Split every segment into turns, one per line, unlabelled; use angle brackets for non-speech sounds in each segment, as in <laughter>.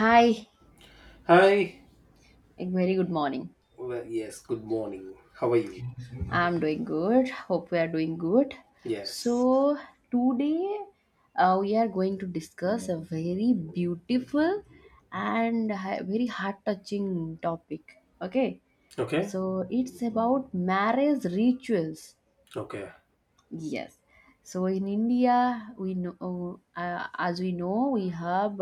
Hi,
Hi.
a very good morning.
Well, yes, good morning. How are you?
I'm doing good. Hope we are doing good.
Yes.
So, today we are going to discuss a very beautiful and very heart touching topic. Okay,
Okay.
so it's about marriage rituals.
Okay.
Yes. So in India, we know, as we know, we have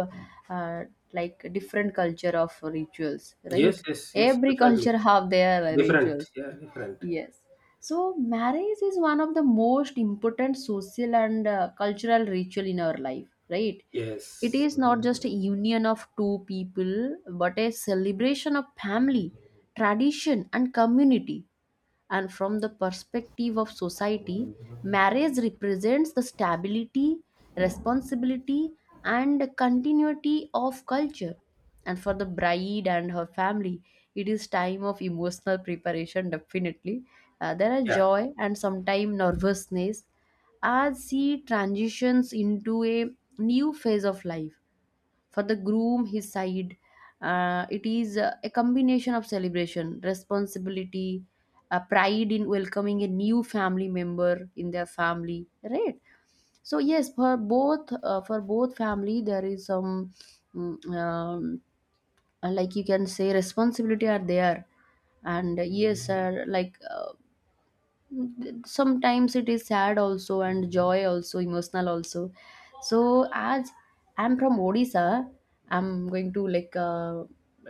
uh, like different culture of rituals,
Yes,
right?
yes, yes,
Every
definitely.
culture have their
Different.
rituals.
Yeah, different.
Yes. So marriage is one of the most important social and cultural ritual in our life, right? It
Yes.
is not just a union of two people, but a celebration of family, tradition, and community, and from the perspective of society marriage represents the stability, responsibility, and continuity of culture, and for the bride and her family it is time of emotional preparation, definitely. There are
Yeah.
joy and sometimes nervousness as she transitions into a new phase of life. For the groom his side, it is a combination of celebration, responsibility, pride in welcoming a new family member in their family, right? So yes, for both family there is some mm, um, like you can say responsibility are there. And sometimes it is sad also and joy also, emotional also. So as I'm from Odisha, I'm going to like uh,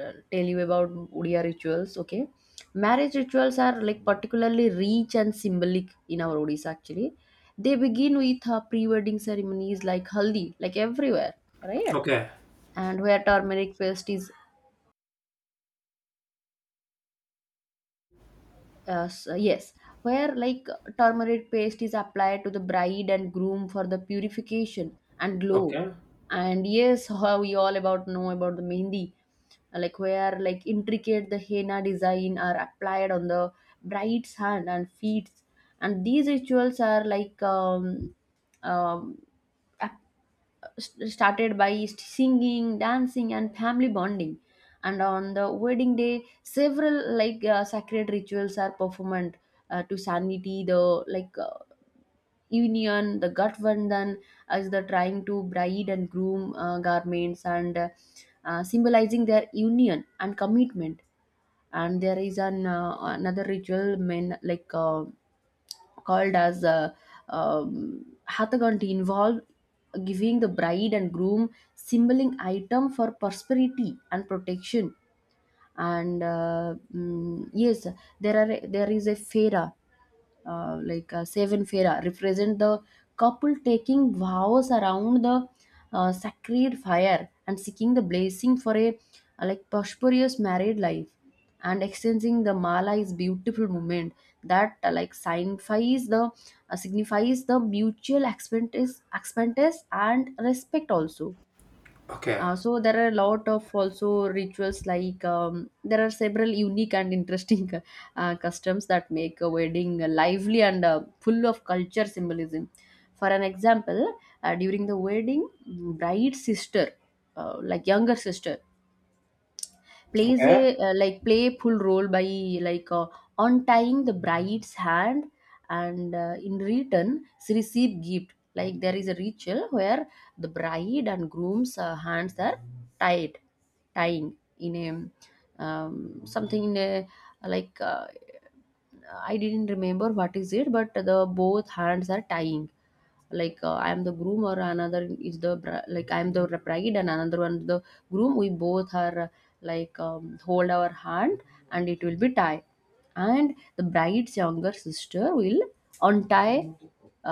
uh, tell you about Odia rituals. Okay, marriage rituals are like particularly rich and symbolic in our Odisha actually. They begin with pre-wedding ceremonies like haldi like everywhere, right?
Okay.
And where turmeric paste is— yes, where like turmeric paste is applied to the bride and groom for the purification and glow.
Okay.
And yes, <laughs> how we all about know about the mehendi, like where like intricate the henna design are applied on the bride's hand and feet. And these rituals are like um, started by singing, dancing, and family bonding. And on the wedding day, several sacred rituals are performed to sanity. The like uh, union, the Gatvandhan, as the trying to bride and groom garments and symbolizing their union and commitment. And there is an another ritual men called as um, Hathaganti, involve giving the bride and groom symboling item for prosperity and protection. And yes, there is a fera, seven fera represent the couple taking vows around the sacred fire and seeking the blessing for a like prosperous married life. And exchanging the mala is beautiful moment that like signifies the signifies the mutual expenses and respect also.
Okay.
So there are a lot of also rituals like there are several unique and interesting <laughs> customs that make a wedding lively and full of culture symbolism. For an example, during the wedding, bride's sister, like younger sister, plays
Okay.
a like playful role by like uh, untying the bride's hand, and in return she receive gift. Like there is a ritual where the bride and groom's hands are tied tying in a something in a like uh, I didn't remember what is it, but the both hands are tying. Like I am the groom, or another is the like I am the bride and another one the groom. We both are hold our hand and it will be tie, and the bride's younger sister will untie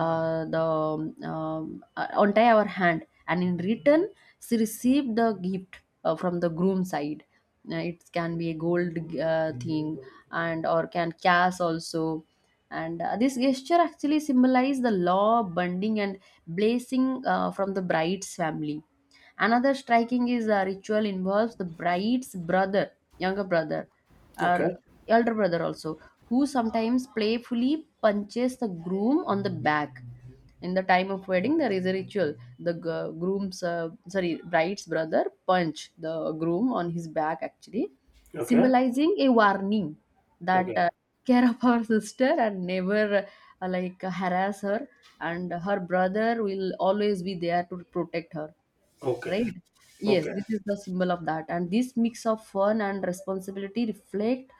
the untie our hand, and in return she received the gift from the groom side. It can be a gold thing and or can cash also. And this gesture actually symbolizes the law bonding and blessing from the bride's family. Another striking is the ritual involves the bride's brother, younger brother, our
Okay.
elder brother also, who sometimes playfully punches the groom on the back. In the time of wedding, there is a ritual. The groom's, sorry, bride's brother punch the groom on his back actually,
Okay.
symbolizing a warning that
Okay.
care of our sister and never like harass her, and her brother will always be there to protect her,
Okay.
right? Yes,
Okay.
this is the symbol of that, and this mix of fun and responsibility reflect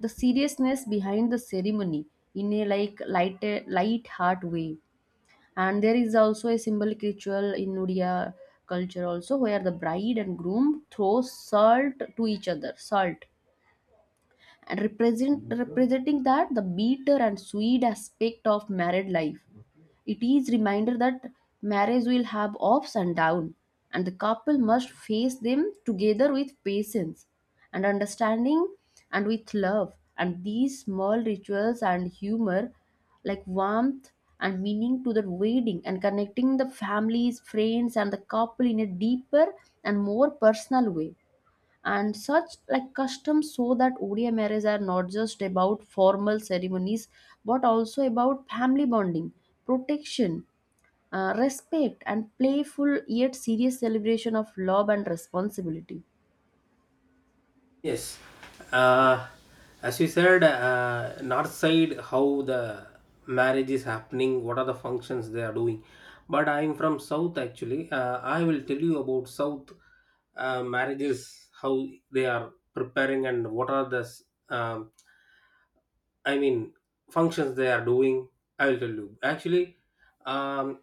the seriousness behind the ceremony in a like light heart way. And there is also a symbolic ritual in Odia culture also, where the bride and groom throw salt to each other, salt and representing that the bitter and sweet aspect of married life. It is reminder that marriage will have ups and downs, and the couple must face them together with patience and understanding and with love. And these small rituals and humor, like warmth and meaning to the wedding, and connecting the families, friends, and the couple in a deeper and more personal way. And such like customs show that Odia marriages are not just about formal ceremonies, but also about family bonding, protection, respect, and playful yet serious celebration of love and responsibility.
Yes, uh, as you said, north side how the marriage is happening, what are the functions they are doing. But I am from south actually. I will tell you about south marriages, how they are preparing and what are the um, I mean, functions they are doing, I will tell you. Actually, um,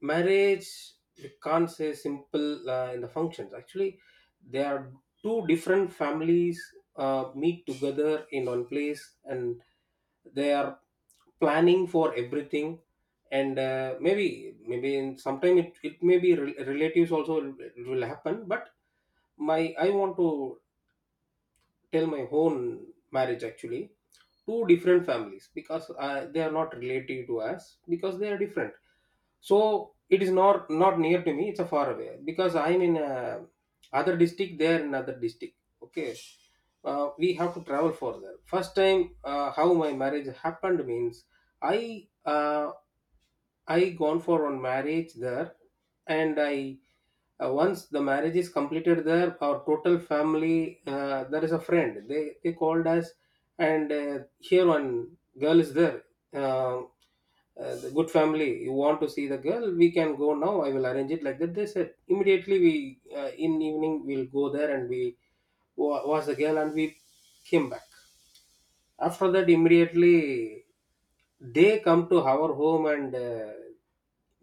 marriage you can't say simple in the functions. Actually, there are two different families meet together in one place, and they are planning for everything. And maybe in sometime it may be relatives also it will happen. But I want to tell my own marriage actually. Two different families, because they are not related to us, because they are different, so it is not near to me, it's a far away, because I'm in a other district, they are in another district. Okay, we have to travel for that. First time, how my marriage happened means, i uh, I gone for one marriage there, and I once the marriage is completed there, our total family, there is a friend. They called us, and here one girl is there. Um the good family, you want to see the girl? We can go now. I will arrange it, like that, they said. Immediately, We in evening we'll go there and we watch the girl and we came back. After that, immediately, they come to our home and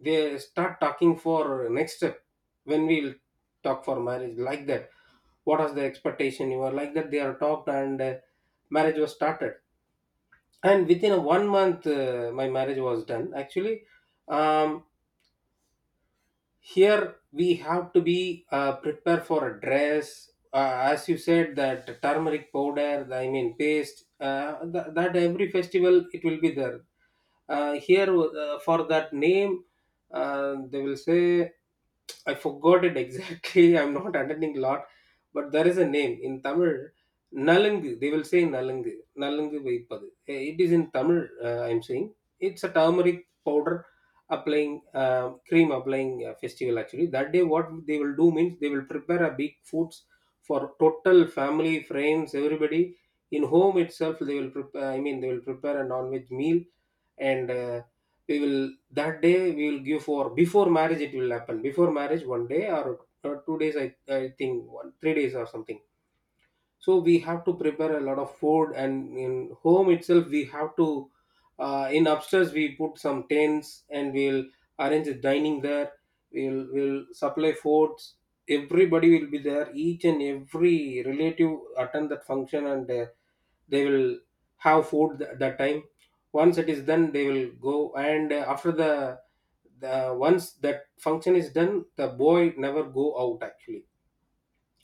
they start talking for next step, when we'll talk for marriage, like that. What was the expectation? You are like that. They are talked, and marriage was started. And within a 1 month, my marriage was done. Actually, um, here we have to be prepared for a dress. As you said, that turmeric powder I mean paste, that every festival it will be there. Here, for that name, they will say, I forgot it exactly. <laughs> I'm not attending a lot, but there is a name in Tamil, nalangu. They will say nalangu nalangu vaipadu. It is in Tamil. I'm saying, it's a turmeric powder applying, cream applying festival. Actually, that day, what they will do means, they will prepare a big foods for total family, friends, everybody. In home itself they will prepare, I mean, they will prepare a non-veg meal. And we will that day we will give, for before marriage it will happen, before marriage 1 day or 2 days, I think 1 3 days or something. So we have to prepare a lot of food, and in home itself we have to, in upstairs we put some tents and we'll arrange a dining there. We'll supply foods. Everybody will be there, each and every relative attend that function, and they will have food that time. Once it is done they will go, and after the, once that function is done the boy never go out actually,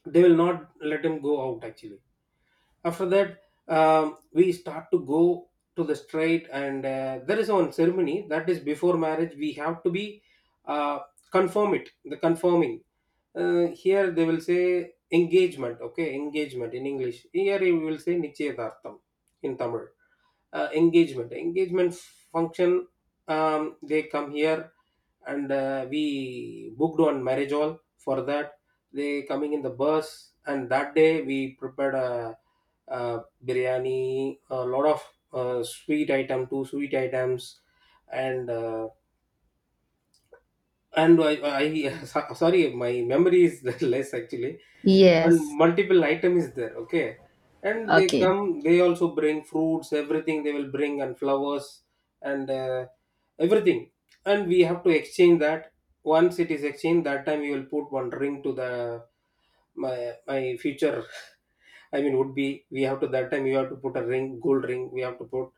they will not let him go out actually. After that, we start to go to the straight. And there is one ceremony, that is before marriage we have to be uh, confirm it, the confirming. Here they will say engagement. Okay, engagement in English, here we will say nichayadartham in Tamil. Engagement function. um, they come here, and we booked on marriage hall for that. They coming in the bus, and that day we prepared a, biryani, a lot of sweet item, two sweet items, and and I <laughs> sorry, my memory is <laughs> less actually. And
Yes.
multiple item is there. Okay. And they
Okay.
come, they also bring fruits, everything they will bring, and flowers, and everything. And we have to exchange that. Once it is exchanged, that time you will put one ring to the my future. <laughs> I mean, would be, we have to, that time you have to put a ring, gold ring. We have to put,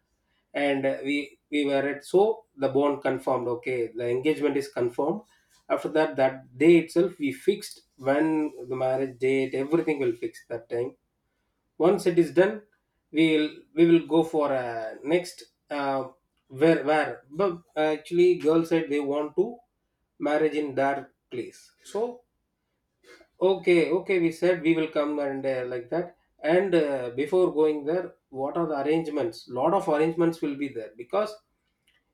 and we were at, so the bond confirmed. Okay, the engagement is confirmed. After that, that day itself we fixed when the marriage date, everything will fix that time. Once it is done, we will go for a next, uh, where but actually girl said they want to marriage in their place. So okay, okay, we said we will come, and like that. And before going there, what are the arrangements? Lot of arrangements will be there, because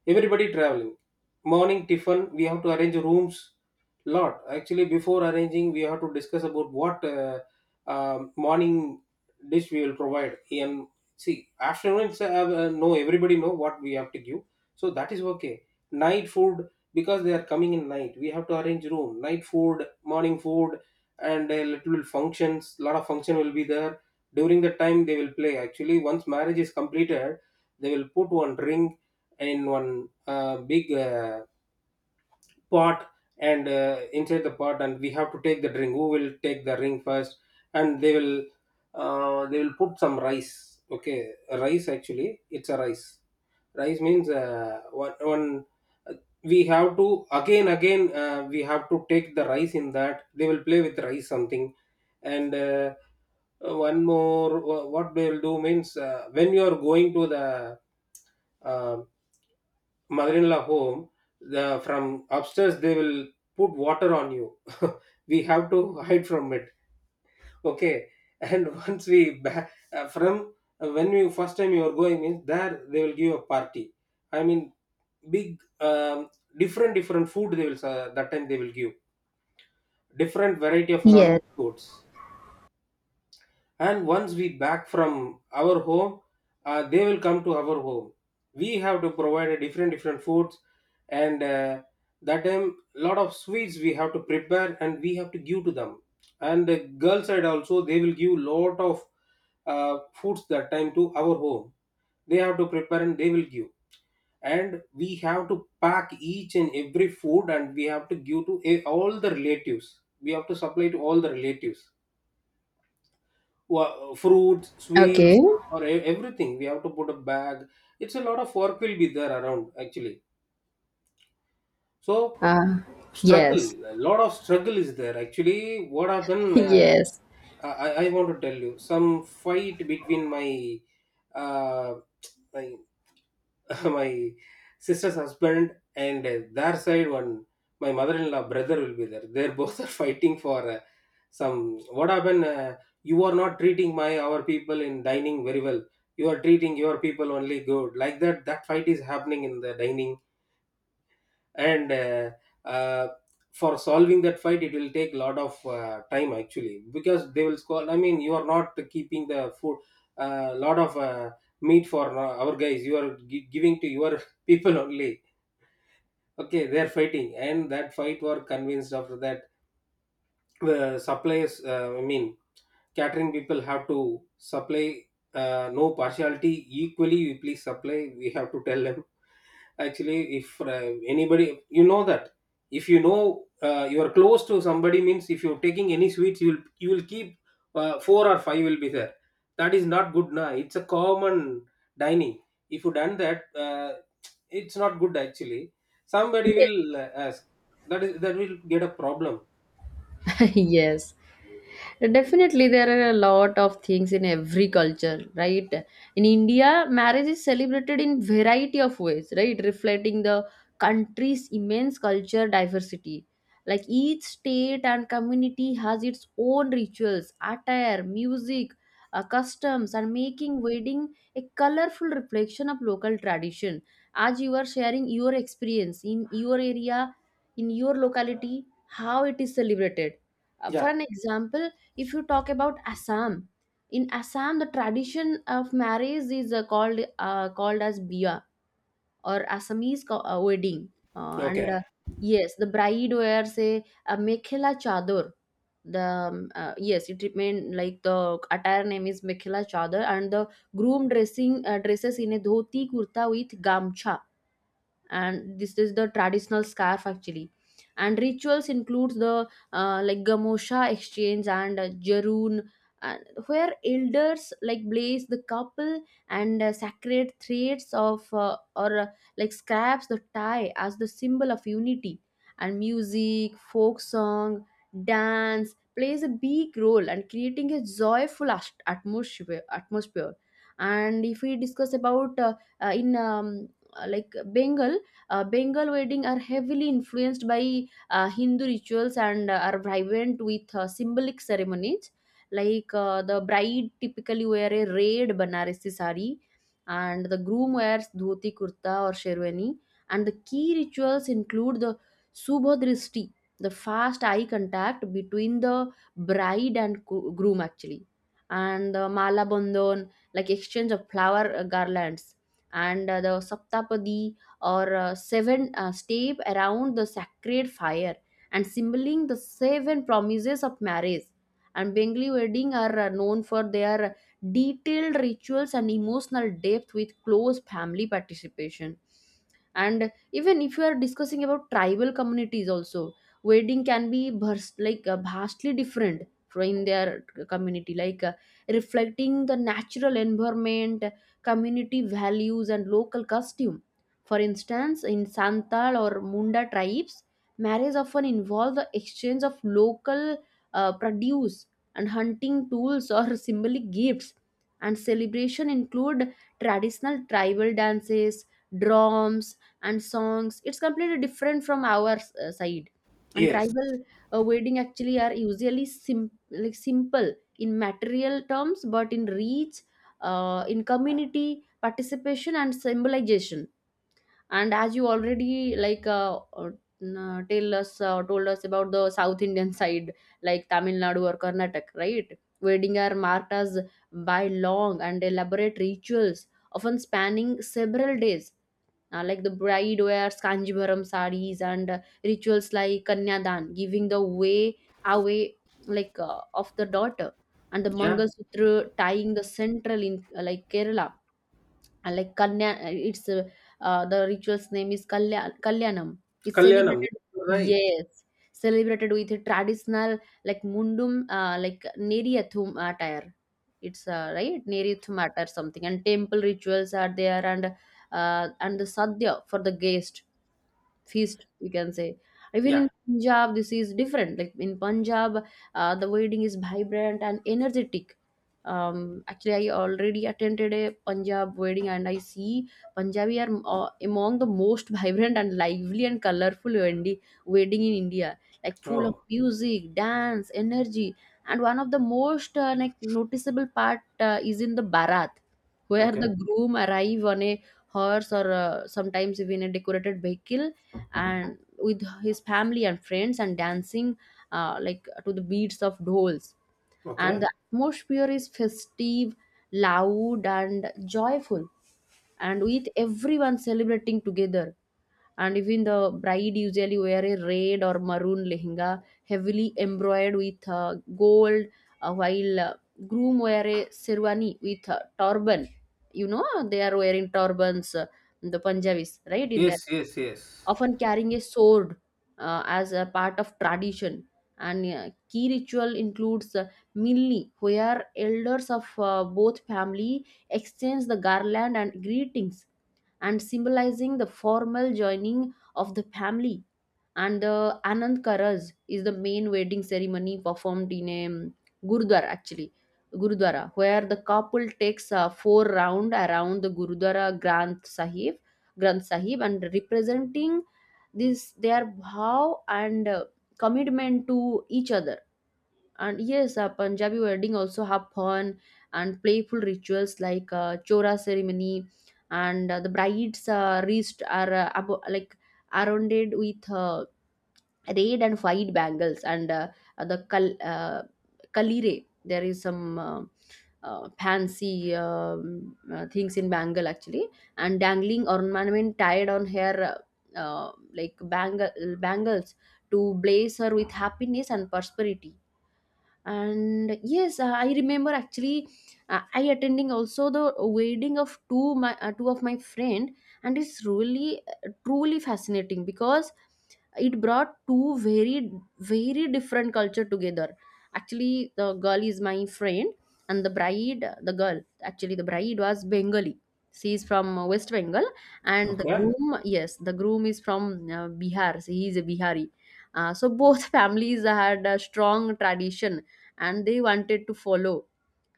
everybody traveling. Morning tiffin, we have to arrange rooms. Lot, actually, before arranging, we have to discuss about what morning dish we will provide. And see, afternoon, no, everybody know what we have to give, so that is okay. Night food, because they are coming in night, we have to arrange room, night food, morning food. And a little functions, lot of function will be there. During the time they will play, actually, once marriage is completed they will put one ring in one big pot, and inside the pot, and we have to take the ring, who will take the ring first. And they will, put some rice. Okay, rice, actually it's a rice. Rice means, one, uh, we have to again, we have to take the rice, in that they will play with rice something. And one more what they'll do means, when you are going to the uh, mother-in-law home, the from upstairs they will put water on you. <laughs> We have to hide from it. Okay. And <laughs> once we from when you first time you are going means, there they will give a party, I mean, big, different different food they will, give different variety of
Yes.
non-veg foods. And once we back from our home, they will come to our home, we have to provide a different different foods. And that time, lot of sweets we have to prepare, and we have to give to them. And the girl side also, they will give lot of foods that time to our home, they have to prepare and they will give. And we have to pack each and every food, and we have to give to all the relatives, we have to supply to all the relatives: fruit, sweets,
Okay.
or everything. We have to put a bag. It's a lot of work will be there around, actually. So
Uh,
struggle,
yes.
a lot of struggle is there, actually. What
<laughs>
happened? Uh,
Yes.
I I I want to tell you some fight between my uh, <laughs> my sister's husband and their side, one my mother-in-law brother will be there. They're both <laughs> are fighting for some, what happened, you are not treating my our people in dining very well, you are treating your people only good, like that. That fight is happening in the dining. And uh, for solving that fight, it will take a lot of time actually, because they will score, I mean, you are not keeping the food a lot of meat for our guys, you are giving to your <laughs> people only. Okay, they are fighting, and that fight were convinced. After that, the suppliers, I mean, catering people have to supply, no partiality, equally we please supply, we have to tell them. Actually, if anybody, you know that, if you know, you are close to somebody means, if you're taking any sweets, you will keep four or five will be there, that is not good. Now it's a common dining, if you done that, it's not good actually, somebody
Yes.
will ask, that is, that will get a problem.
<laughs> Yes. Definitely, there are a lot of things in every culture, right? In India, marriage is celebrated in variety of ways, right? Reflecting the country's immense culture diversity. Like each state and community has its own rituals, attire, music, customs, and making wedding a colorful reflection of local tradition. As you are sharing your experience in your area, in your locality, how it is celebrated. For
Yeah.
an example, if you talk about Assam, in Assam the tradition of marriage is called as biya, or Assamese wedding. And
Okay.
yes, the bride wears a mekhela chador, the yes, it remain like the attire name is mekhela chador, and the groom dressing dresses in a dhoti kurta with gamcha, and this is the traditional scarf actually. And rituals includes the like gamosha exchange and jaroon, and where elders like blaze the couple and sacred threads of or like scraps the tie as the symbol of unity. And music, folk song, dance plays a big role and creating a joyful atmosphere. And if we discuss about in like Bengal, Bengal wedding are heavily influenced by Hindu rituals and are vibrant with symbolic ceremonies. Like the bride typically wear a red Banarasi sari, and the groom wears dhoti kurta or sherwani. And the key rituals include the subhadristi, the fast eye contact between the bride and groom actually, and the mala bandhan, like exchange of flower garlands, and the saptapadi, or seven step around the sacred fire and symboling the seven promises of marriage. And Bengali wedding are known for their detailed rituals and emotional depth with close family participation. And even if you are discussing about tribal communities also, wedding can be like vastly different from in their community, like reflecting the natural environment, community values, and local costume. For instance, in Santal or Munda tribes, marriage often involves the exchange of local produce and hunting tools or <laughs> symbolic gifts. And celebration include traditional tribal dances, drums, and songs. It's completely different from our side. And
Yes.
tribal wedding actually are usually like simple in material terms, but in reach, in community participation, and symbolization. And as you already like n- tell us told us about the South Indian side, like Tamil Nadu or Karnataka, right? Wedding are marked as by long and elaborate rituals, often spanning several days. Like the bride wears kanjivaram sarees, and rituals like kanyadan, giving the way away, of the daughter, and the
Yeah,
mangalsutra tying the central in like Kerala. And like Kanya, it's the ritual's name is Kalya, Kalyanam. It's
kalyanam, you
celebrated—
right.
yes, celebrated with a traditional like mundum, like Neryathum attire. It's right Neryathum attire something, and temple rituals are there, and and the sadhya for the guest feast you can say. Even in
Yeah.
Punjab this is different. Like in Punjab the wedding is vibrant and energetic. um Actually I already attended a Punjab wedding and I see Punjabi are among the most <laughs> vibrant and lively and colorful wedding in India, like full of
Oh.
music, dance, energy. And one of the most like noticeable part is in the barat, where
Okay.
the groom arrive on a horse or sometimes even a decorated vehicle, and with his family and friends and dancing like to the beats of dolls. And
Okay.
the atmosphere is festive, loud and joyful, and with everyone celebrating together. And even the bride usually wear a red or maroon lehenga heavily embroidered with gold, while groom wear a sherwani with turban. You know they are wearing turbans, the Punjabis, right, in
Yes,
their head,
yes, yes.
often carrying a sword as a part of tradition. And key ritual includes Milni, where elders of both family exchange the garland and greetings, and symbolizing the formal joining of the family. And the Anand Karaj is the main wedding ceremony performed in a Gurudwara actually. Gurudwara, where the couple takes a four round around the Gurudwara Granth Sahib and representing this their bhav and commitment to each other. And yes, a Punjabi wedding also have fun and playful rituals like chora ceremony, and the bride's wrist are like arrowed with red and white bangles and uh, the kal- uh, kalire. There is some fancy things in bangle actually, and dangling ornament tied on her uh, like bangles, to blaze her with happiness and prosperity. And yes, I remember actually, I attending also the wedding of two of my friend, and it's really truly fascinating because it brought two very very different culture together. Actually the girl is my friend, and the bride the girl actually the bride was Bengali. She is from West Bengal, and the
Okay.
groom, yes the groom is from Bihar, so he is a Bihari. So both <laughs> families had a strong tradition and they wanted to follow.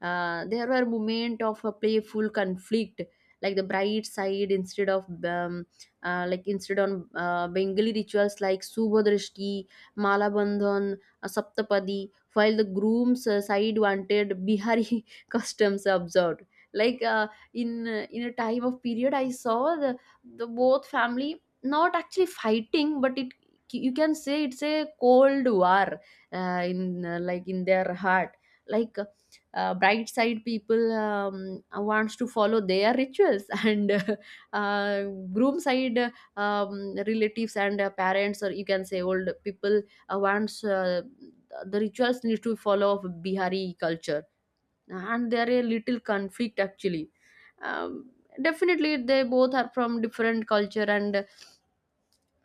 There were moments of a playful conflict, like the bright side instead of like instead on Bengali rituals like Subhadrashti, Malabandhan, Saptapadi, while the groom's side wanted Bihari <laughs> customs observed. Like in a time of period, I saw the both family not actually fighting, but it, you can say it's a cold war in like in their heart. Like bright side people wants to follow their rituals <laughs> and uh, groom side relatives and parents, or you can say old people, wants the rituals need to follow of Bihari culture. And there a little conflict actually. um, Definitely they both are from different culture, and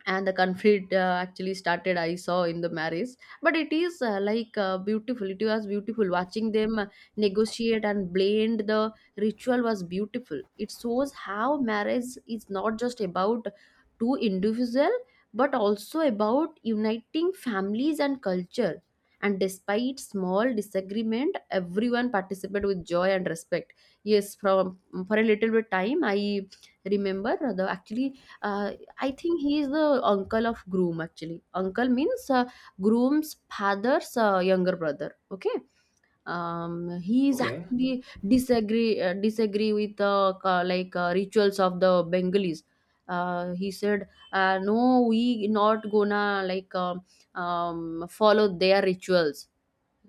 the conflict actually started I saw in the marriage. But it is like beautiful it was beautiful watching them negotiate and blend the ritual. Was beautiful. It shows how marriage is not just about two individual, but also about uniting families and culture. And despite small disagreement, everyone participated with joy and respect. Yes, from for a little bit time I remember, the actually uh, I think he is the uncle of groom actually. Uncle means groom's father's younger brother. Okay, he is
Okay.
actually disagree, disagree with like rituals of the Bengalis. He said, "No, we not gonna like follow their rituals."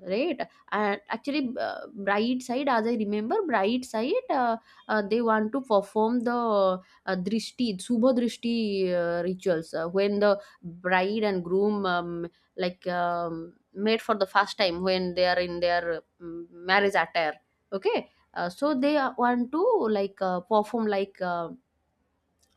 Right. And actually bright side as I remember bride side they want to perform the drishti subha drishti rituals when the bride and groom made for the first time when they are in their marriage attire. Okay, so want to like perform like uh,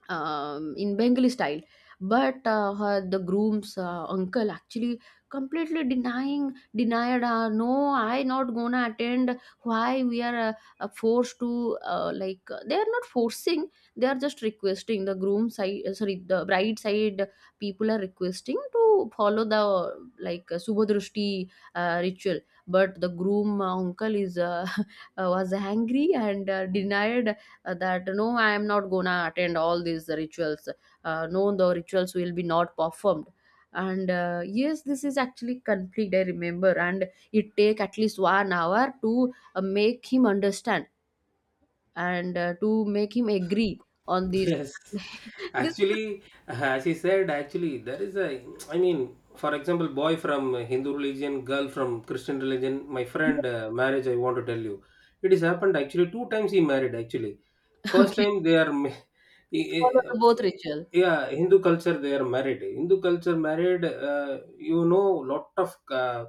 um, in Bengali style. But the groom's uncle actually denied, no, I not gonna attend. Why we are forced to like they are not forcing, they are just requesting the the bride side people are requesting to follow the Subhadrushti ritual. But the groom uncle is <laughs> was angry and denied that no I am not gonna attend all these rituals. Uh, no, the rituals will be not performed. And yes this is actually conflict I remember, and it take at least 1 hour to make him understand and to make him agree on this.
Yes.
<laughs> This is
Actually, as he said, actually, I mean, for example, boy from Hindu religion, girl from Christian religion, my friend marriage, I want to tell you. It has happened actually 2 times he married, actually. First
<laughs> okay
time they are,
follow the both ritual.
<laughs> yeah, Hindu culture they are married. Hindu culture married, lot of,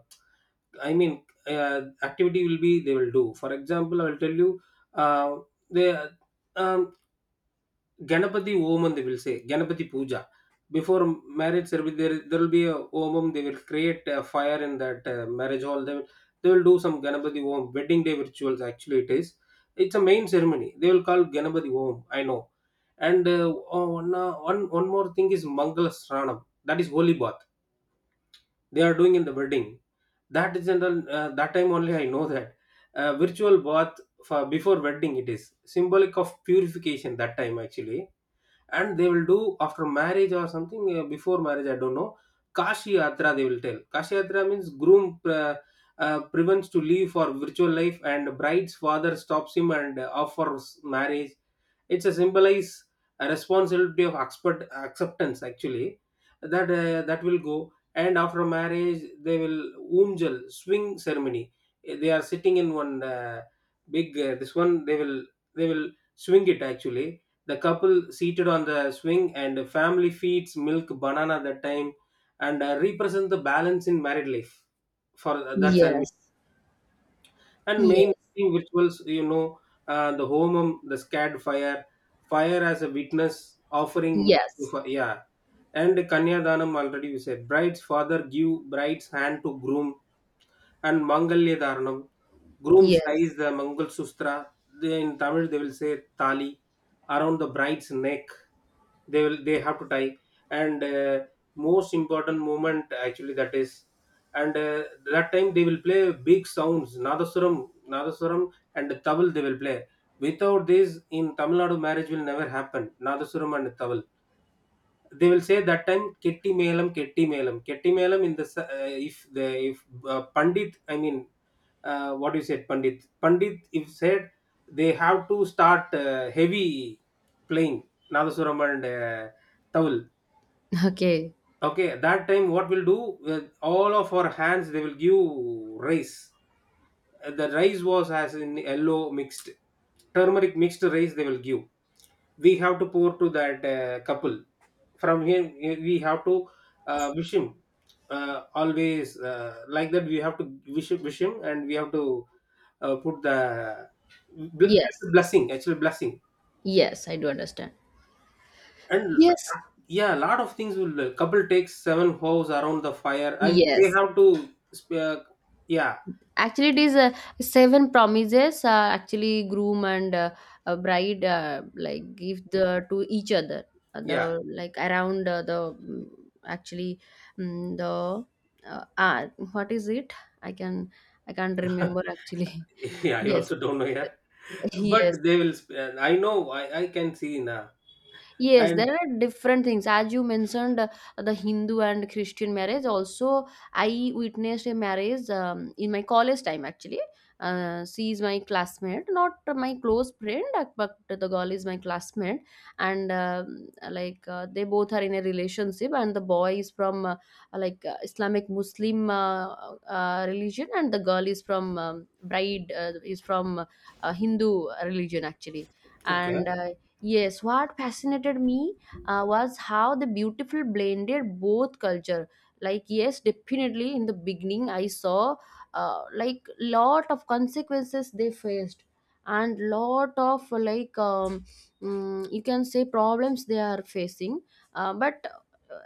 I mean, activity will be they will do. For example, I will tell you, uh, they, um, Ganapati Homam, they will say, Ganapati Puja. Before marriage ceremony, there will be a Homam, they will create a fire in that marriage hall. They will do some Ganapati Om, wedding day rituals, actually, it is. It's a main ceremony. They will call Ganapati Om, I know. And oh, one more thing is Mangala Sranam, that is holy bath. They are doing in the wedding. That is general, that time only I know that. Virtual bath for before wedding, it is symbolic of purification that time, actually. And they will do after marriage or something, before marriage I don't know. Kashi yatra they will tell. Kashi yatra means groom prevents to leave for virtual life, and bride's father stops him and offers marriage. It's a symbolize a responsibility of expert acceptance, actually, that that will go. And after marriage they will umjal swing ceremony, they are sitting in one big this one, they will swing it actually, the couple seated on the swing and family feeds milk banana that time, and represent the balance in married life for that ceremony.
Yes,
And main
yes,
rituals, the homum, the scared fire as a witness offering
yes,
yeah. And kanya danam, already we said bride's father give bride's hand to groom. And Mangalya Dharanam. Grooms
yes.
ties the Mangal Sustra — they, in Tamil they will say Tali — around the bride's neck. They have to tie. And most important moment actually, that is. And that time they will play big sounds, Nadaswaram and Taval they will play. Without this, in Tamil Nadu marriage will never happen. Nadaswaram and Taval, they will say that time, "Ketti Melam, Ketti Melam." Ketti Melam in the if Pandit, I mean, what you said, Pandit. Pandit, if said, they have to start heavy playing Nadasuram and Tawul.
<laughs> Okay.
Okay, at that time what we'll do? With all of our hands, they will give rice. The rice was as in yellow mixed, turmeric mixed rice. They will give we have to pour to that couple from here. We have to wish him, always, like that we have to wish him, and we have to put the that's
Yes,
a blessing, actual blessing.
yes, I do understand.
And
Yes,
yeah, a lot of things will, couple takes seven hoes around the fire, and they
yes.
have to sp- uh, yeah,
Actually, it is 7 promises. Actually, groom and bride like give the to each other.
yeah,
The like around the mm, actually mm the uh, uh, what is it? I can I can't
<laughs>
remember actually.
yeah,
<laughs>
I
Yes,
also don't know here,
yes.
but they will I know, I can see now.
Yes,
And
there are different things. As you mentioned, the Hindu and Christian marriage. Also, I witnessed a marriage in my college time actually. She is my classmate, not my close friend, but the girl is my classmate. And like they both are in a relationship, and the boy is from like Islamic Muslim religion, and the girl is from bride is from Hindu religion actually.
okay.
And yes, what fascinated me was how the beautiful blended both culture. Like yes, definitely in the beginning I saw like lot of consequences they faced, and lot of like you can say problems they are facing. But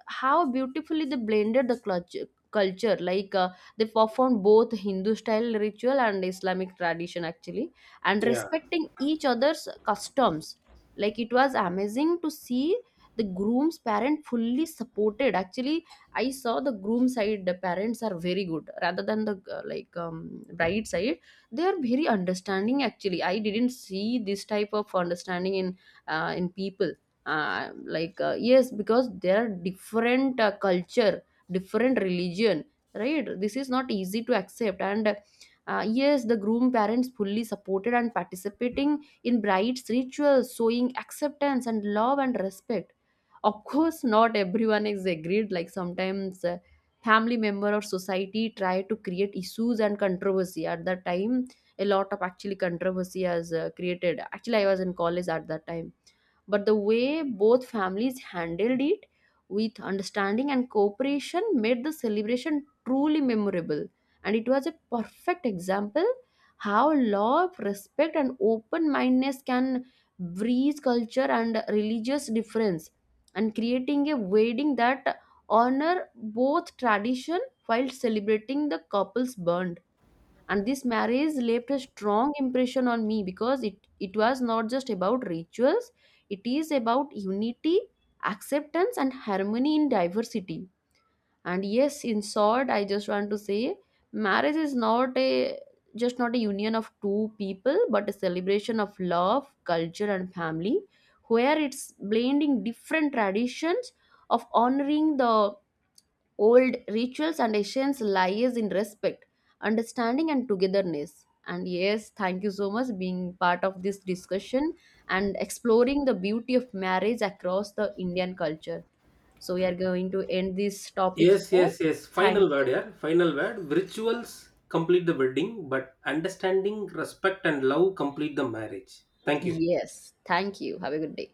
how beautifully they blended the culture, like they performed both Hindu style ritual and Islamic tradition actually, and
Yeah.
respecting each other's customs. Like it was amazing to see the groom's parent fully supported actually. I saw the groom side, the parents are very good rather than the bride side. They are very understanding actually. I didn't see this type of understanding in people, yes because there are different culture, different religion, right. This is not easy to accept. And yes, the groom parents fully supported and participating in bride's rituals, showing acceptance and love and respect. Of course not everyone is agreed, like sometimes family member or society try to create issues and controversy. At that time a lot of actually controversy has created. Actually I was in college at that time. But the way both families handled it with understanding and cooperation made the celebration truly memorable. And it was a perfect example how love, respect and open-mindedness can bridge culture and religious difference, and creating a wedding that honor both tradition while celebrating the couple's bond. And this marriage left a strong impression on me because it was not just about rituals, it is about unity, acceptance and harmony in diversity. And yes, in short, I just want to say marriage is not a just not a union of two people, but a celebration of love, culture and family, where it's blending different traditions, of honoring the old rituals, and essence lies in respect, understanding, and togetherness. And yes, thank you so much being part of this discussion and exploring the beauty of marriage across the Indian culture. So we are going to end this topic
Yes,
here.
yes, yes.
Thank
Final word,
you.
yeah. Final word. Rituals complete the wedding, but understanding, respect, and love complete the marriage. Thank you.
Yes, thank you. Have a good day.